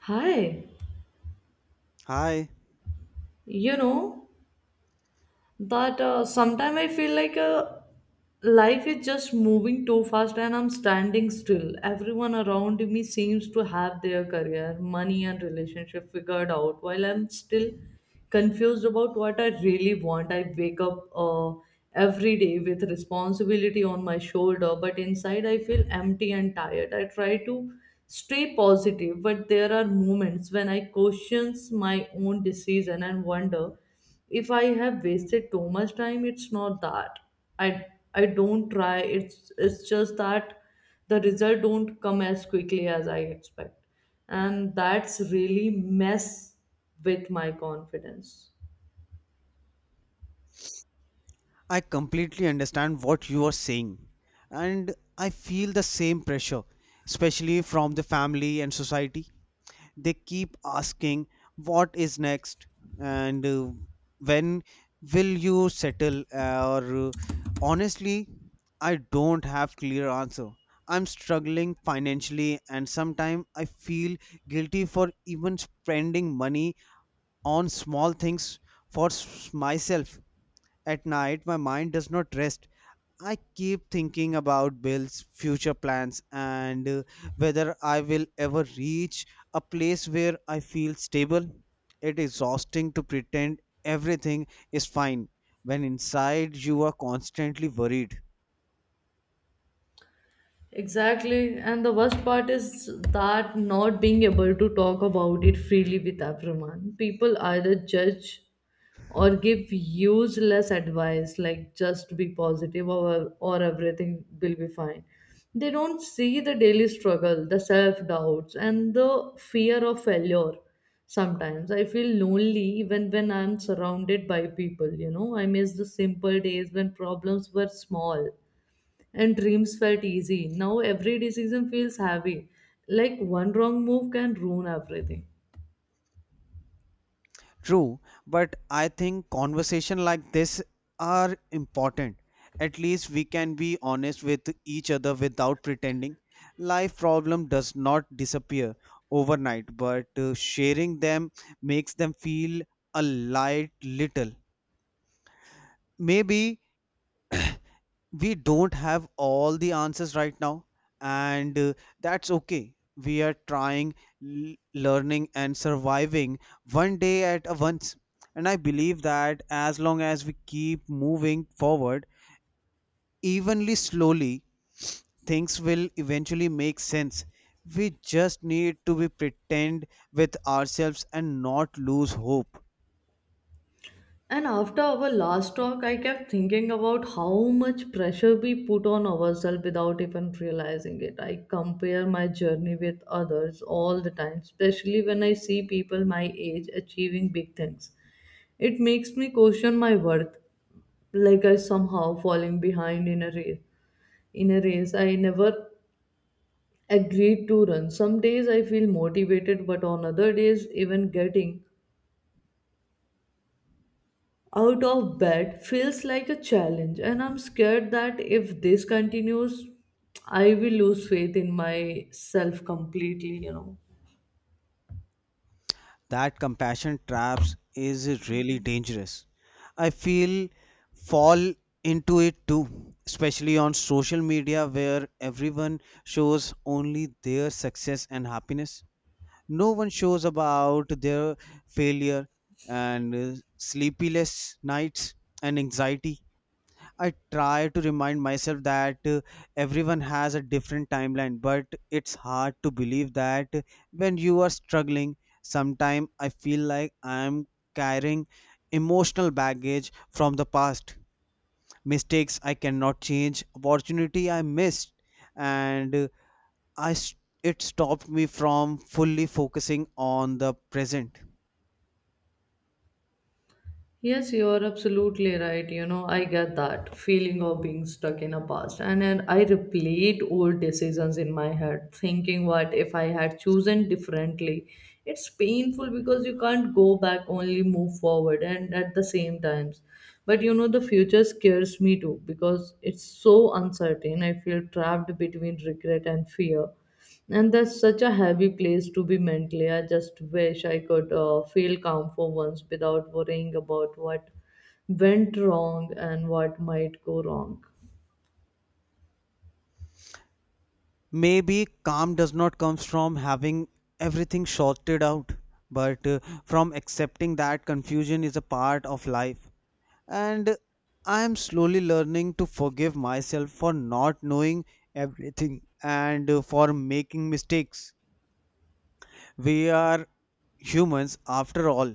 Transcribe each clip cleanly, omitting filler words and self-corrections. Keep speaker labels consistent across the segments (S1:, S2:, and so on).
S1: Hi,
S2: Hi,
S1: you know, But sometimes I feel like life is just moving too fast and I'm standing still. Everyone around me seems to have their career, money, and relationship figured out while I'm still confused about what I really want. I wake up every day with responsibility on my shoulder, but inside I feel empty and tired. I try to stay positive, but there are moments when I question my own decision and wonder if I have wasted too much time. It's not that i I don't try. It's just that the result don't come as quickly as I expect, and that's really mess with my confidence.
S2: I completely understand what you are saying, and I feel the same pressure, especially from the family and society. They keep asking, what is next? And When will you settle? Or Honestly, I don't have clear answer. I'm struggling financially, and sometimes I feel guilty for even spending money on small things for myself. At night, my mind does not rest. I keep thinking about bills, future plans, and whether I will ever reach a place where I feel stable. It is exhausting to pretend everything is fine when inside you are constantly worried.
S1: Exactly. And the worst part is that not being able to talk about it freely with everyone. People either judge or give useless advice like just be positive, or everything will be fine. They don't see the daily struggle, the self doubts, and the fear of failure. Sometimes I feel lonely even when I'm surrounded by people. I miss the simple days when problems were small and dreams felt easy. Now every decision feels heavy, like one wrong move can ruin everything.
S2: True, but I think conversation like this are important. At least we can be honest with each other without pretending. Life problem does not disappear overnight, but sharing them makes them feel a light little. Maybe we don't have all the answers right now and that's okay, we are trying, learning and surviving one day at a once, and I believe that as long as we keep moving forward, evenly slowly, things will eventually make sense. We just need to be pretend with ourselves and not lose hope.
S1: And after our last talk, I kept thinking about how much pressure we put on ourselves without even realizing it. I compare my journey with others all the time, especially when I see people my age achieving big things. It makes me question my worth, like I somehow falling behind in a race. In a race I never agreed to run. Some days I feel motivated, but on other days, even getting out of bed feels like a challenge. And I'm scared that if this continues, I will lose faith in myself completely.
S2: That compassion traps is really dangerous. I feel fall into it too, especially on social media where everyone shows only their success and happiness. No one shows about their failure and sleepless nights and anxiety. I try to remind myself that everyone has a different timeline, but it's hard to believe that when you are struggling. Sometimes I feel like I'm carrying emotional baggage from the past, mistakes I cannot change, opportunity I missed, and uh, I s- it stopped me from fully focusing on the present.
S1: Yes, you are absolutely right. You know, I get that feeling of being stuck in a past. And I replayed old decisions in my head, thinking, what if I had chosen differently? It's painful because you can't go back, only move forward and at the same times. But you know, the future scares me too because it's so uncertain. I feel trapped between regret and fear. And that's such a heavy place to be mentally. I just wish I could feel calm for once without worrying about what went wrong and what might go wrong.
S2: Maybe calm does not come from having everything sorted out, but from accepting that confusion is a part of life. And I am slowly learning to forgive myself for not knowing everything and for making mistakes. We are humans after all.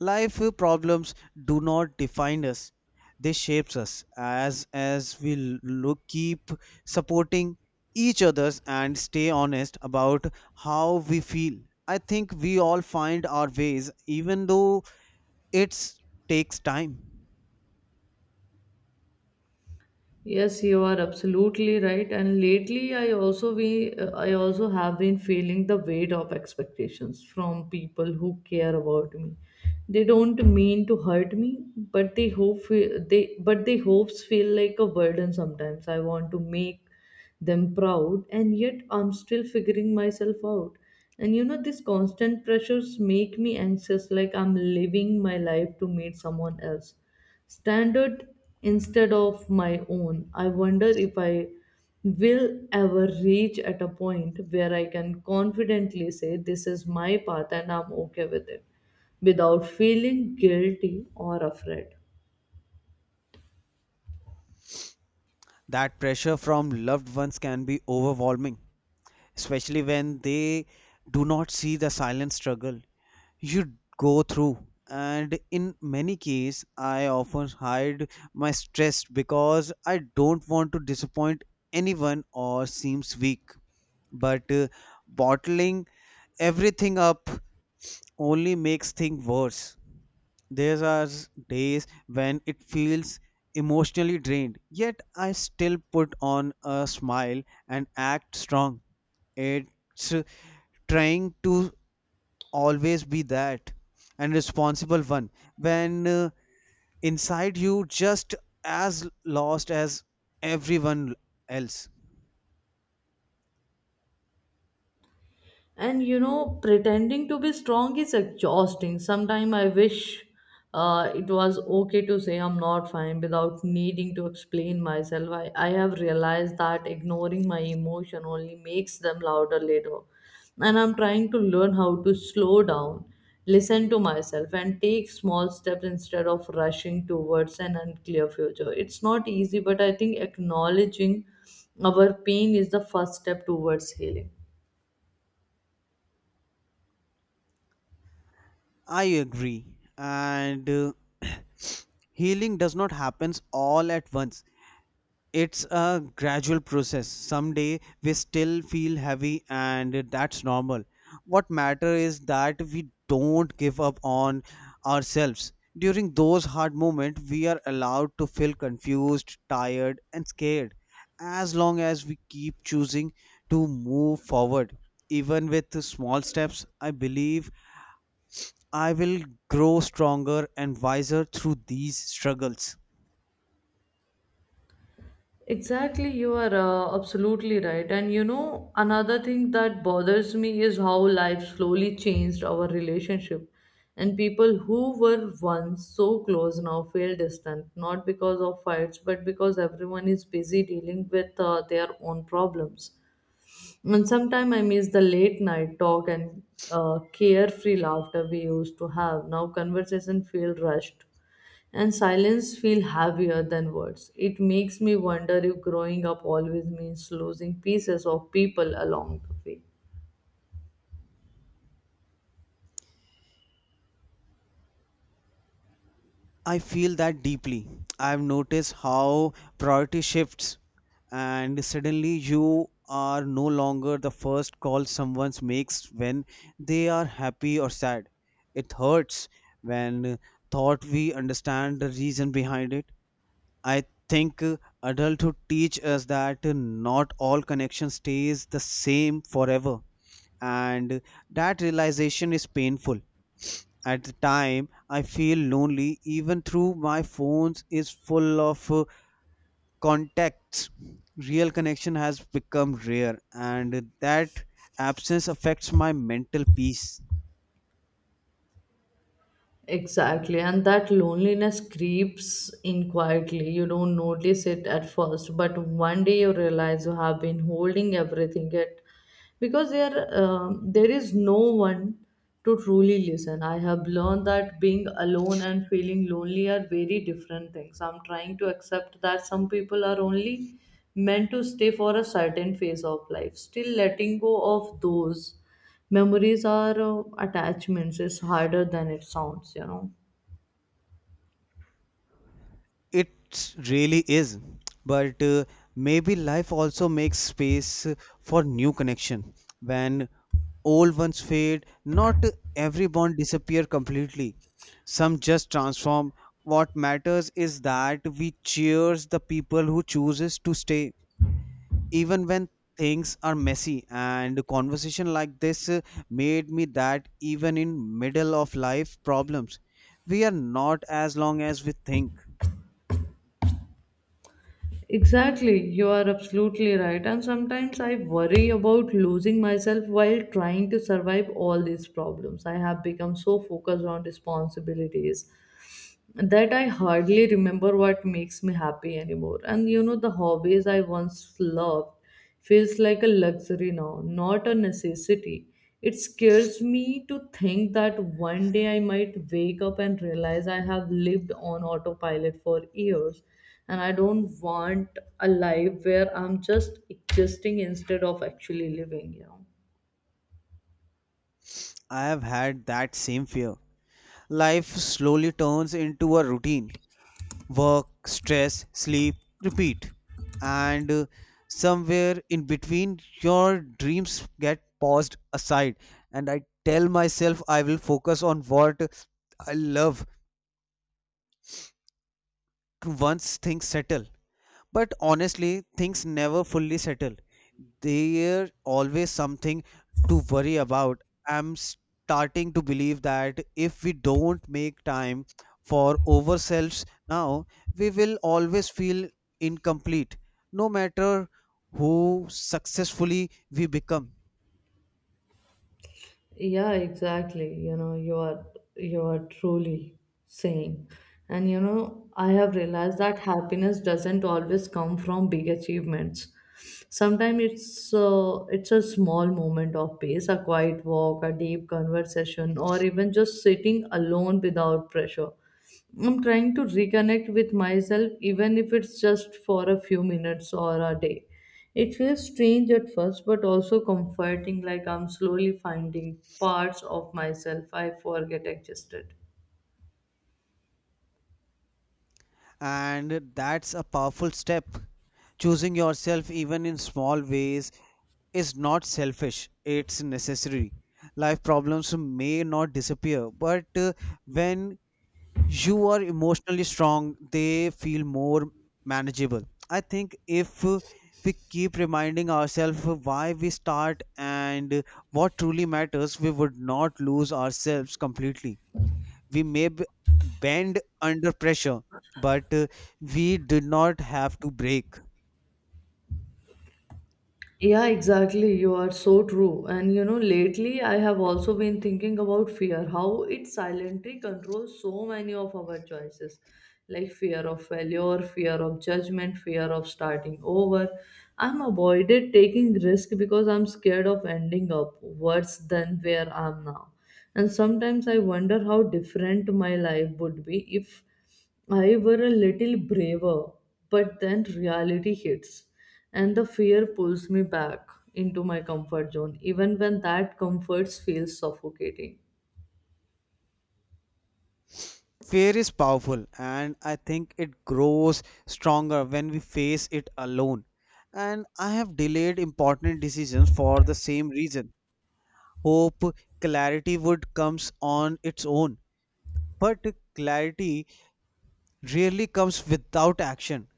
S2: Life problems do not define us; they shapes us as we look, keep supporting each others and stay honest about how we feel. I think we all find our ways, even though it takes time.
S1: Yes, you are absolutely right. And lately, I also have been feeling the weight of expectations from people who care about me. They don't mean to hurt me, but they hope fe- they but their hopes feel like a burden sometimes. I want to make them proud, and yet I'm still figuring myself out. And you know, these constant pressures make me anxious, like I'm living my life to meet someone else standard instead of my own. I wonder if I will ever reach at a point where I can confidently say this is my path and I'm okay with it, without feeling guilty or afraid.
S2: That pressure from loved ones can be overwhelming, especially when they do not see the silent struggle you go through. And in many cases I often hide my stress because I don't want to disappoint anyone or seems weak, but bottling everything up only makes things worse. There are days when it feels emotionally drained, yet I still put on a smile and act strong. It's Trying to always be that and responsible one when inside you just as lost as everyone else.
S1: And you know, pretending to be strong is exhausting. Sometimes I wish it was okay to say I'm not fine without needing to explain myself. I have realized that ignoring my emotion only makes them louder later, and I'm trying to learn how to slow down, listen to myself, and take small steps instead of rushing towards an unclear future. It's not easy, but I think acknowledging our pain is the first step towards healing.
S2: I agree, and healing does not happen all at once. It's a gradual process. Some day we still feel heavy, and that's normal. What matter is that we don't give up on ourselves. During those hard moments, we are allowed to feel confused, tired, and scared. As long as we keep choosing to move forward, even with the small steps, I believe I will grow stronger and wiser through these struggles.
S1: Exactly, you are absolutely right. And you know, another thing that bothers me is how life slowly changed our relationship. And people who were once so close now feel distant, not because of fights, but because everyone is busy dealing with their own problems. And sometimes I miss the late night talk and carefree laughter we used to have. Now conversation feel rushed and silence feel heavier than words. It makes me wonder if growing up always means losing pieces of people along the way.
S2: I feel that deeply. I've noticed how priority shifts, and suddenly you are no longer the first call someone makes when they are happy or sad. It hurts when thought we understand the reason behind it. I think adulthood teach us that not all connection stays the same forever, and that realization is painful at the time. I feel lonely even through my phones is full of contacts. Real connection has become rare, and that absence affects my mental peace.
S1: Exactly, and that loneliness creeps in quietly. You don't notice it at first, but one day you realize you have been holding everything it because there there is no one to truly listen. I have learned that being alone and feeling lonely are very different things. I'm trying to accept that some people are only meant to stay for a certain phase of life, still letting go of those memories are attachments. It's harder than it sounds.
S2: It really is, but maybe life also makes space for new connection when old ones fade. Not every bond disappear completely. Some just transform. What matters is that we cheers the people who chooses to stay even when things are messy, and a conversation like this made me that even in middle of life problems, we are not as long as we think.
S1: Exactly, you are absolutely right. And sometimes I worry about losing myself while trying to survive all these problems. I have become so focused on responsibilities that I hardly remember what makes me happy anymore. And you know, the hobbies I once loved feels like a luxury now, not a necessity. It scares me to think that one day I might wake up and realize I have lived on autopilot for years, and I don't want a life where I'm just existing instead of actually living.
S2: I have had that same fear. Life slowly turns into a routine: work, stress, sleep, repeat. And somewhere in between, your dreams get paused aside. And I tell myself I will focus on what I love once things settle. But honestly, things never fully settle. There's always something to worry about. I'm starting to believe that if we don't make time for ourselves now, we will always feel incomplete, no matter who successfully we become.
S1: Yeah, exactly. You know, you are truly saying. And you know, I have realized that happiness doesn't always come from big achievements. Sometimes it's a small moment of peace, a quiet walk, a deep conversation, or even just sitting alone without pressure. I'm trying to reconnect with myself, even if it's just for a few minutes or a day. It feels strange at first, but also comforting, like I'm slowly finding parts of myself I forget existed.
S2: And that's a powerful step. Choosing yourself, even in small ways, is not selfish, it's necessary. Life problems may not disappear, but when you are emotionally strong they feel more manageable. I think if we keep reminding ourselves why we start and what truly matters, we would not lose ourselves completely. We may bend under pressure, but we do not have to break.
S1: Yeah, exactly. You are so true. And you know, lately I have also been thinking about fear, how it silently controls so many of our choices, like fear of failure, fear of judgment, fear of starting over. I'm avoided taking risk because I'm scared of ending up worse than where I'm now. And sometimes I wonder how different my life would be if I were a little braver, but then reality hits and the fear pulls me back into my comfort zone, even when that comfort feels suffocating.
S2: Fear is powerful, and I think it grows stronger when we face it alone. And I have delayed important decisions for the same reason. Hope clarity would comes on its own, but clarity rarely comes without action.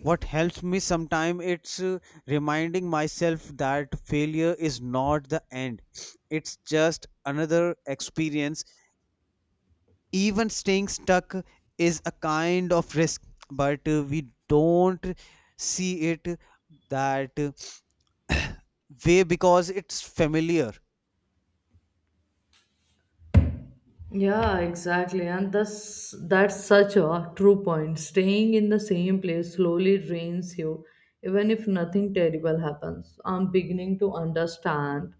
S2: What helps me sometimes it's reminding myself that failure is not the end. It's just another experience. Even staying stuck is a kind of risk, but we don't see it that way because it's familiar.
S1: Yeah, exactly. And that's such a true point. Staying in the same place slowly drains you, even if nothing terrible happens. I'm beginning to understand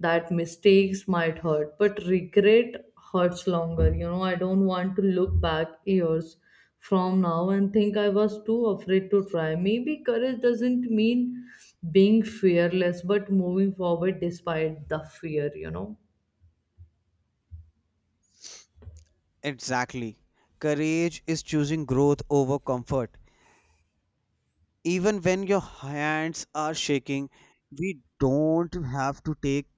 S1: that mistakes might hurt, but regret hurts longer. You know, I don't want to look back years from now and think I was too afraid to try. Maybe courage doesn't mean being fearless, but moving forward despite the fear.
S2: Exactly, courage is choosing growth over comfort even when your hands are shaking. We don't have to take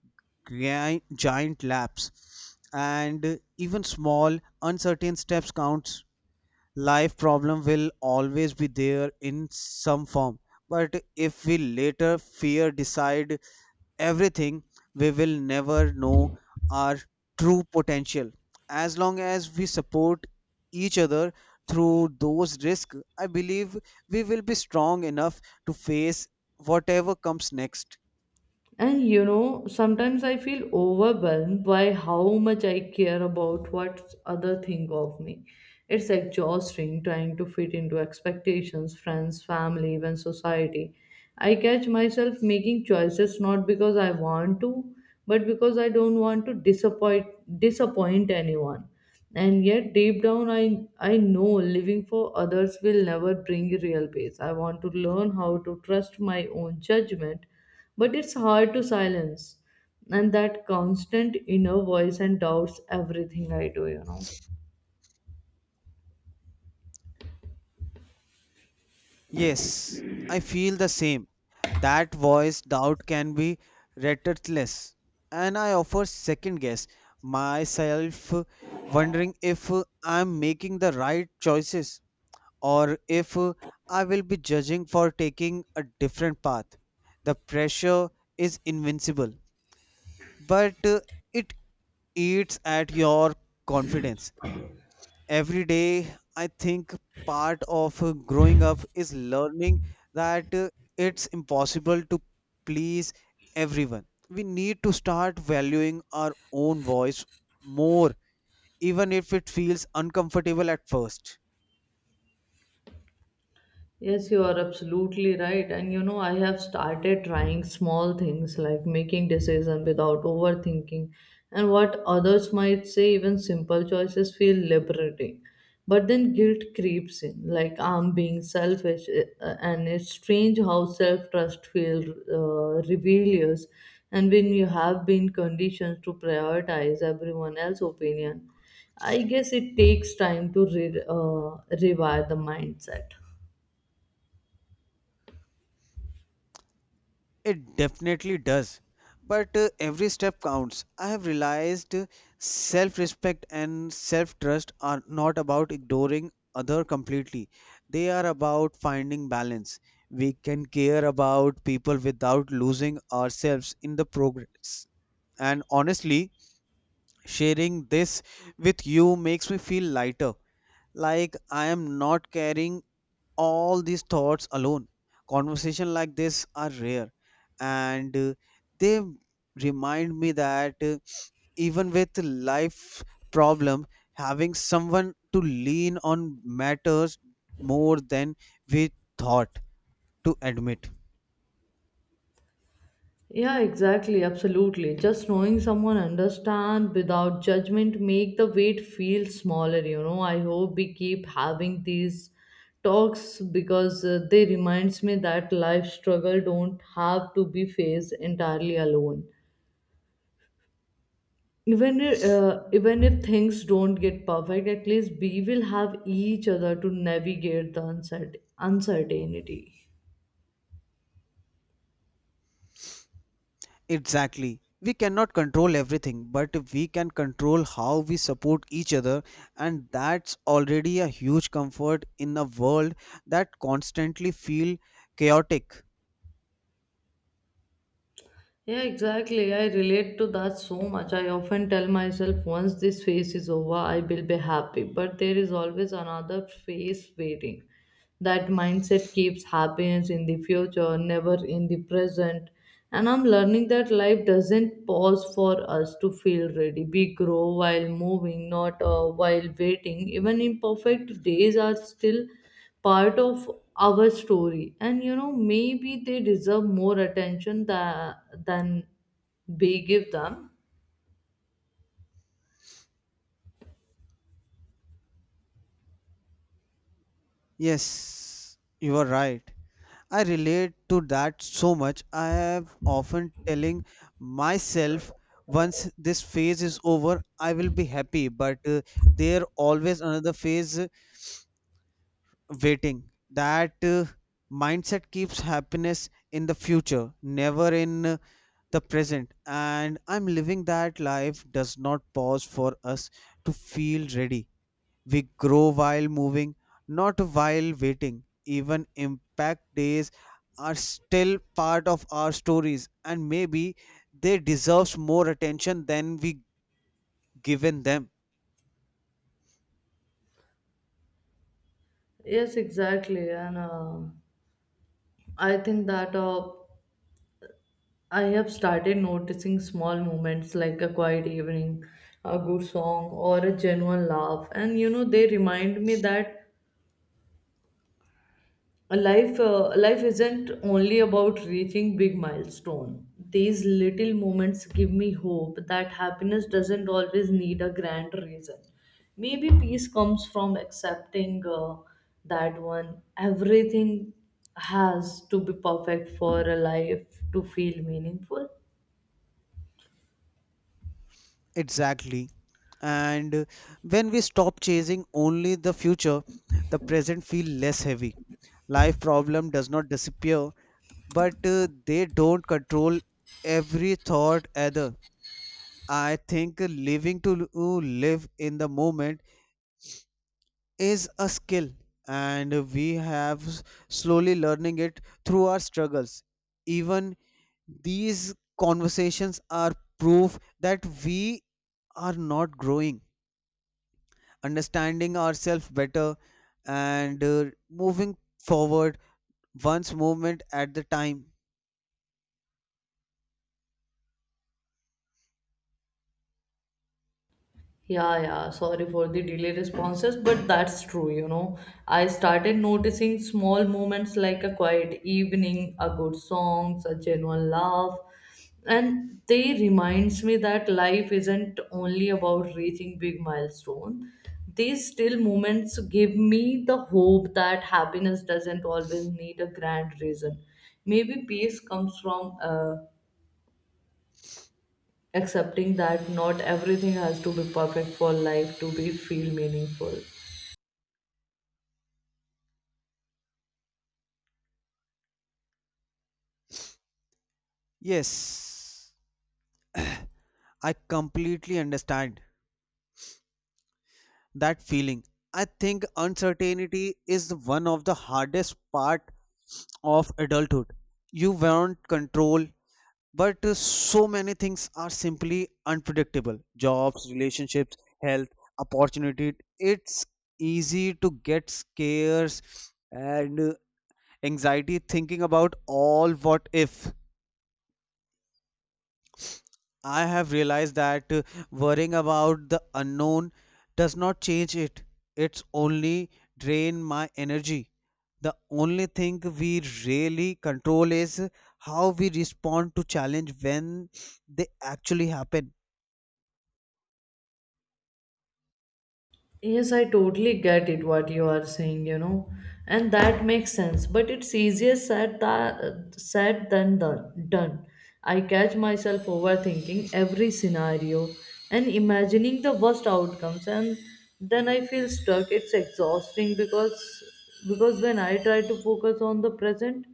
S2: giant laps, and even small uncertain steps counts. Life problem will always be there in some form, but if we later fear decide everything, we will never know our true potential. As long as we support each other through those risks, I believe we will be strong enough to face whatever comes next.
S1: And you know, sometimes I feel overwhelmed by how much I care about what other think of me. It's exhausting trying to fit into expectations, friends, family, even society. I catch myself making choices not because I want to, but because I don't want to disappoint anyone. And yet deep down I know living for others will never bring real peace. I want to learn how to trust my own judgment, but it's hard to silence. And that constant inner voice and doubts everything I do.
S2: Yes, I feel the same. That voice doubt can be relentless, and I offer second guess myself, wondering if I'm making the right choices or if I will be judging for taking a different path. The pressure is invincible, but it eats at your confidence every day. I think part of growing up is learning that it's impossible to please everyone. We need to start valuing our own voice more, even if it feels uncomfortable at first.
S1: Yes, you are absolutely right. And you know, I have started trying small things like making decisions without overthinking and what others might say. Even simple choices feel liberating. But then guilt creeps in, like I'm being selfish, and it's strange how self trust feels rebellious. And when you have been conditioned to prioritize everyone else's opinion, I guess it takes time to rewire the mindset.
S2: It definitely does. But every step counts. I have realized self respect and self trust are not about ignoring other completely. They are about finding balance. We can care about people without losing ourselves in the progress. And honestly, sharing this with you makes me feel lighter, like I am not carrying all these thoughts alone. Conversation like this are rare, and they remind me that even with life problem, having someone to lean on matters more than we thought to admit.
S1: Yeah, exactly, absolutely. Just knowing someone understand without judgment make the weight feel smaller, you know. I hope we keep having these talks because they reminds me that life struggle don't have to be faced entirely alone. Even if things don't get perfect, at least we will have each other to navigate the uncertainty.
S2: Exactly. We cannot control everything, but we can control how we support each other, and that's already a huge comfort in a world that constantly feel chaotic.
S1: Yeah, exactly. I relate to that so much. I often tell myself once this phase is over, I will be happy. But there is always another phase waiting. That mindset keeps happiness in the future, never in the present. And I'm learning that life doesn't pause for us to feel ready. We grow while moving, not while waiting. Even imperfect days are still part of our story, and you know, maybe they deserve more attention than we give them.
S2: Yes, you are right. I relate to that so much. I have often telling myself once this phase is over, I will be happy, but there always another phase waiting. That mindset keeps happiness in the future, never in the present. And I'm living that life does not pause for us to feel ready. We grow while moving, not while waiting. Even impact days are still part of our stories, and maybe they deserve more attention than we given them.
S1: Yes, exactly. And I think that I have started noticing small moments like a quiet evening, a good song, or a genuine laugh. And you know, they remind me that life isn't only about reaching big milestone. These little moments give me hope that happiness doesn't always need a grand reason. Maybe peace comes from accepting that one. Everything has to be perfect for a life to feel meaningful.
S2: Exactly. And when we stop chasing only the future, the present feel less heavy. Life problem does not disappear, but they don't control every thought either. I think living to live in the moment is a skill, and we have slowly learning it through our struggles. Even these conversations are proof that we are not growing, understanding ourselves better, and moving forward once movement at the time.
S1: Yeah, yeah, sorry for the delay responses, but that's true, you know. I started noticing small moments like a quiet evening, a good song, a genuine laugh, and they reminds me that life isn't only about reaching big milestone. These still moments give me the hope that happiness doesn't always need a grand reason. Maybe peace comes from accepting that not everything has to be perfect for life to be feel meaningful.
S2: Yes, I completely understand that feeling. I think uncertainty is one of the hardest part of adulthood. You want control, but so many things are simply unpredictable. Jobs, relationships, health, opportunity. It's easy to get scares and anxiety thinking about all what if. I have realized that worrying about the unknown does not change it. It's only drain my energy. The only thing we really control is how we respond to challenge when they actually happen.
S1: Yes, I totally get it what you are saying, and that makes sense. But it's easier said that said than done. Done. I catch myself overthinking every scenario and imagining the worst outcomes, and then I feel stuck. It's exhausting because when I try to focus on the present,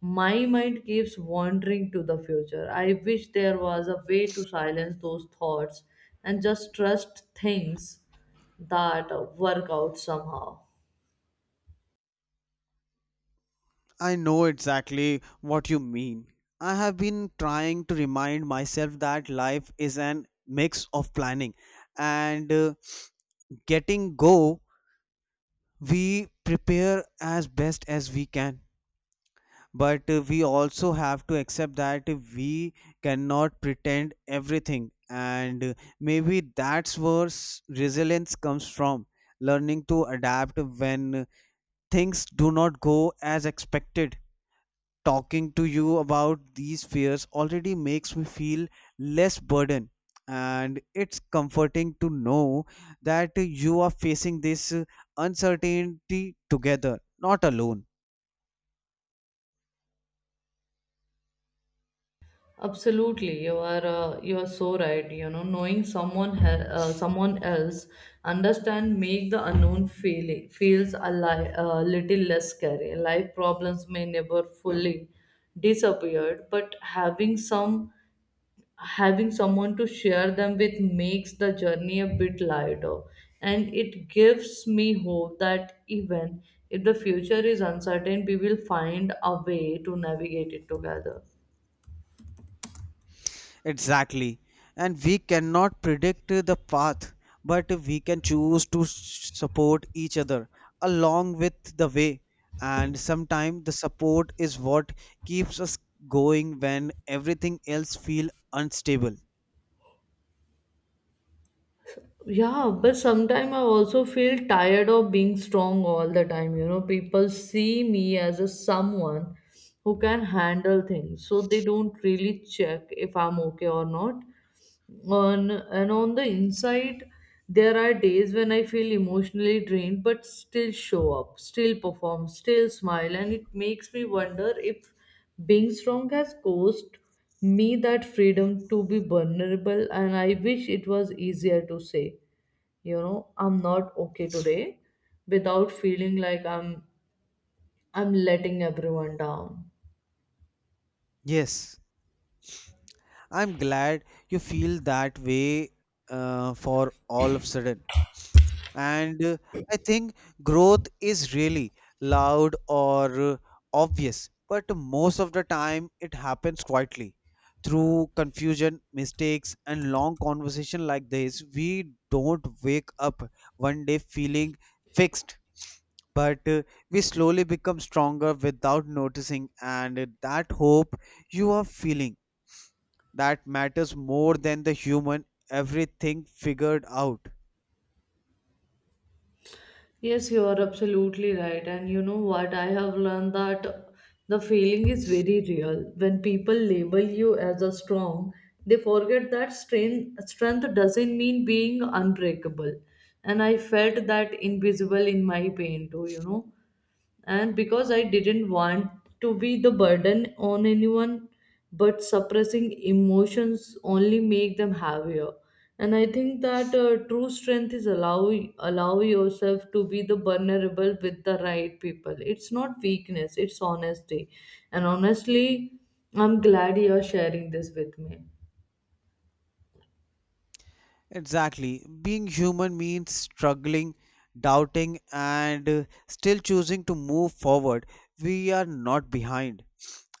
S1: my mind keeps wandering to the future. I wish there was a way to silence those thoughts and just trust things that work out somehow.
S2: I know exactly what you mean. I have been trying to remind myself that life is an mix of planning and getting go. We prepare as best as we can, but we also have to accept that we cannot pretend everything, and maybe that's where resilience comes from, learning to adapt when things do not go as expected. Talking to you about these fears already makes me feel less burden, and it's comforting to know that you are facing this uncertainty together not alone.
S1: Absolutely, you are so right. Knowing someone else understand make the unknown feeling feels a little less scary. Life problems may never fully disappeared, but having someone to share them with makes the journey a bit lighter, and it gives me hope that even if the future is uncertain, we will find a way to navigate it together.
S2: Exactly. And we cannot predict the path, but we can choose to support each other along with the way. And sometimes the support is what keeps us going when everything else feel unstable.
S1: Yeah, but sometimes I also feel tired of being strong all the time. People see me as a someone who can handle things, so they don't really check if I'm okay or not on and on the inside. There are days when I feel emotionally drained but still show up, still perform, still smile, and it makes me wonder if being strong has caused me that freedom to be vulnerable. And I wish it was easier to say, I'm not okay today, without feeling like I'm letting everyone down.
S2: Yes, I'm glad you feel that way for all of sudden. And I think growth is really loud or obvious, but most of the time it happens quietly through confusion, mistakes and long conversation like this. We don't wake up one day feeling fixed, but we slowly become stronger without noticing, and that hope you are feeling, that matters more than the human everything figured out.
S1: Yes, you are absolutely right. And you know what? I have learned that the feeling is very real. When people label you as a strong, they forget that strength doesn't mean being unbreakable. And I felt that invisible in my pain too, and because I didn't want to be the burden on anyone, but suppressing emotions only make them heavier. And I think that true strength is allow yourself to be the vulnerable with the right people. It's not weakness; it's honesty. And honestly, I'm glad you're sharing this with me.
S2: Exactly. Being human means struggling, doubting, and still choosing to move forward. We are not behind,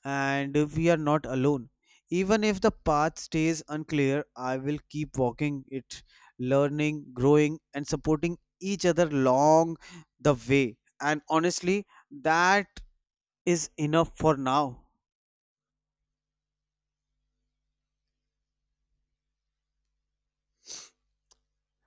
S2: and we are not alone. Even if the path stays unclear, I will keep walking it, learning, growing, and supporting each other along the way. And honestly, that is enough for now.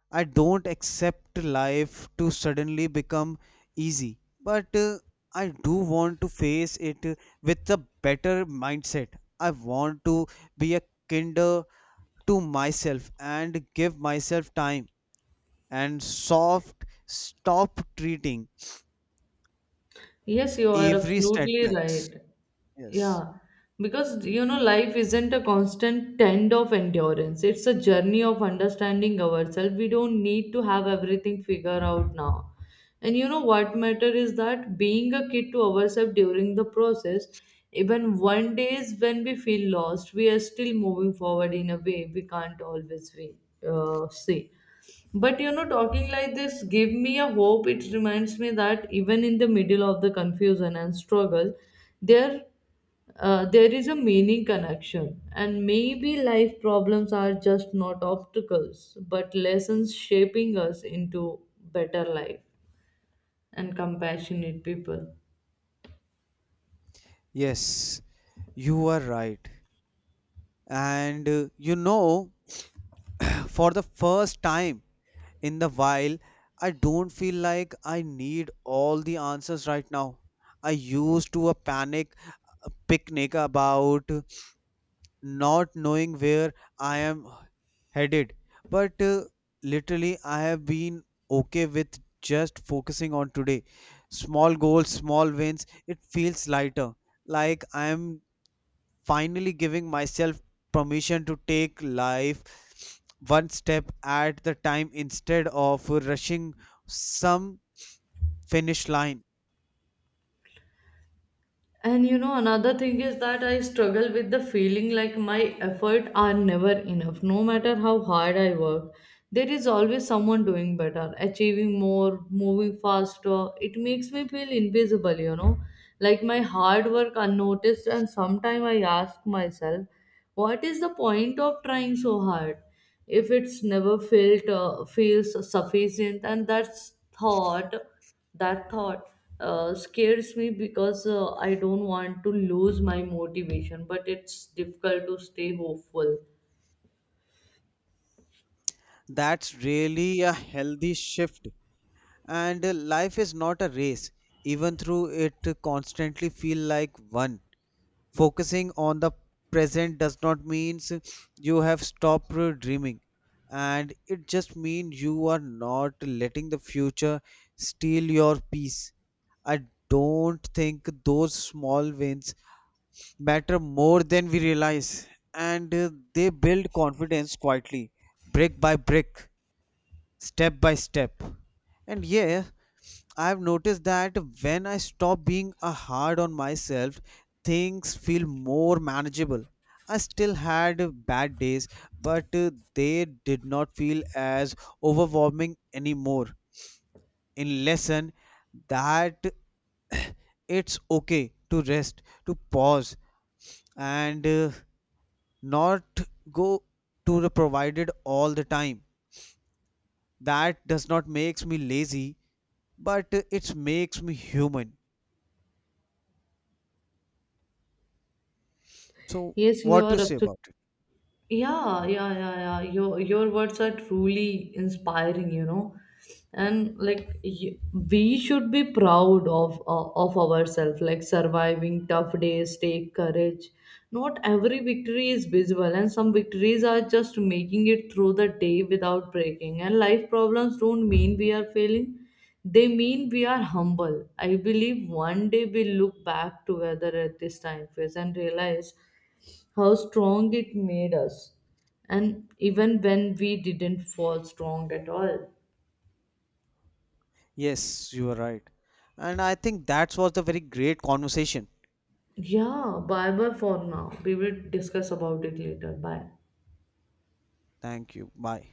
S2: I don't accept life to suddenly become easy, but I do want to face it with a better mindset. I want to be a kinder to myself and give myself time, and soft stop treating
S1: Yes, you are
S2: every
S1: absolutely
S2: setbacks.
S1: right.
S2: Yes.
S1: Yeah, because life isn't a constant trend of endurance. It's a journey of understanding ourselves. We don't need to have everything figured out now. And you know what matter is that being a kid to ourselves during the process, even one days when we feel lost, we are still moving forward in a way we can't always see. But talking like this gave me a hope. It reminds me that even in the middle of the confusion and struggle, there there is a meaning connection. And maybe life problems are just not obstacles, but lessons shaping us into better life and compassionate people.
S2: Yes, you are right. And you know, for the first time in the while, I don't feel like I need all the answers right now. I used to a panic, a picnic, about not knowing where I am headed, but literally I have been okay with just focusing on today, small goals, small wins. It feels lighter, like I am finally giving myself permission to take life one step at the time instead of rushing some finish line.
S1: And you know, another thing is that I struggle with the feeling like my effort are never enough. No matter how hard I work, there is always someone doing better, achieving more, moving faster. It makes me feel invisible, like my hard work unnoticed. And sometimes I ask myself, what is the point of trying so hard if it's never felt feels sufficient? And that thought scares me because I don't want to lose my motivation, but it's difficult to stay hopeful.
S2: That's really a healthy shift. And life is not a race, even though it constantly feel like one. Focusing on the present does not means you have stopped dreaming, and it just means you are not letting the future steal your peace. I don't think those small wins matter more than we realize, and they build confidence quietly, brick by brick, step by step. And yeah, I've noticed that when I stop being a hard on myself, things feel more manageable. I still had bad days, but they did not feel as overwhelming anymore. In lesson that, it's okay to rest, to pause, and not go to the provided all the time. That does not makes me lazy, but it makes me human. So,
S1: Yes, you
S2: what do
S1: are
S2: you say
S1: absolutely.
S2: about it?
S1: Yeah. Your words are truly inspiring. And like y- we should be proud of of ourselves. Like surviving tough days take courage. Not every victory is visible, and some victories are just making it through the day without breaking. And life problems don't mean we are failing; they mean we are humble. I believe one day we look back together at this time phase and realize how strong it made us, and even when we didn't fall strong at all.
S2: Yes, you are right. And I think that was the very great conversation.
S1: Yeah, bye bye for now. We will discuss about it later. Bye.
S2: Thank you. Bye.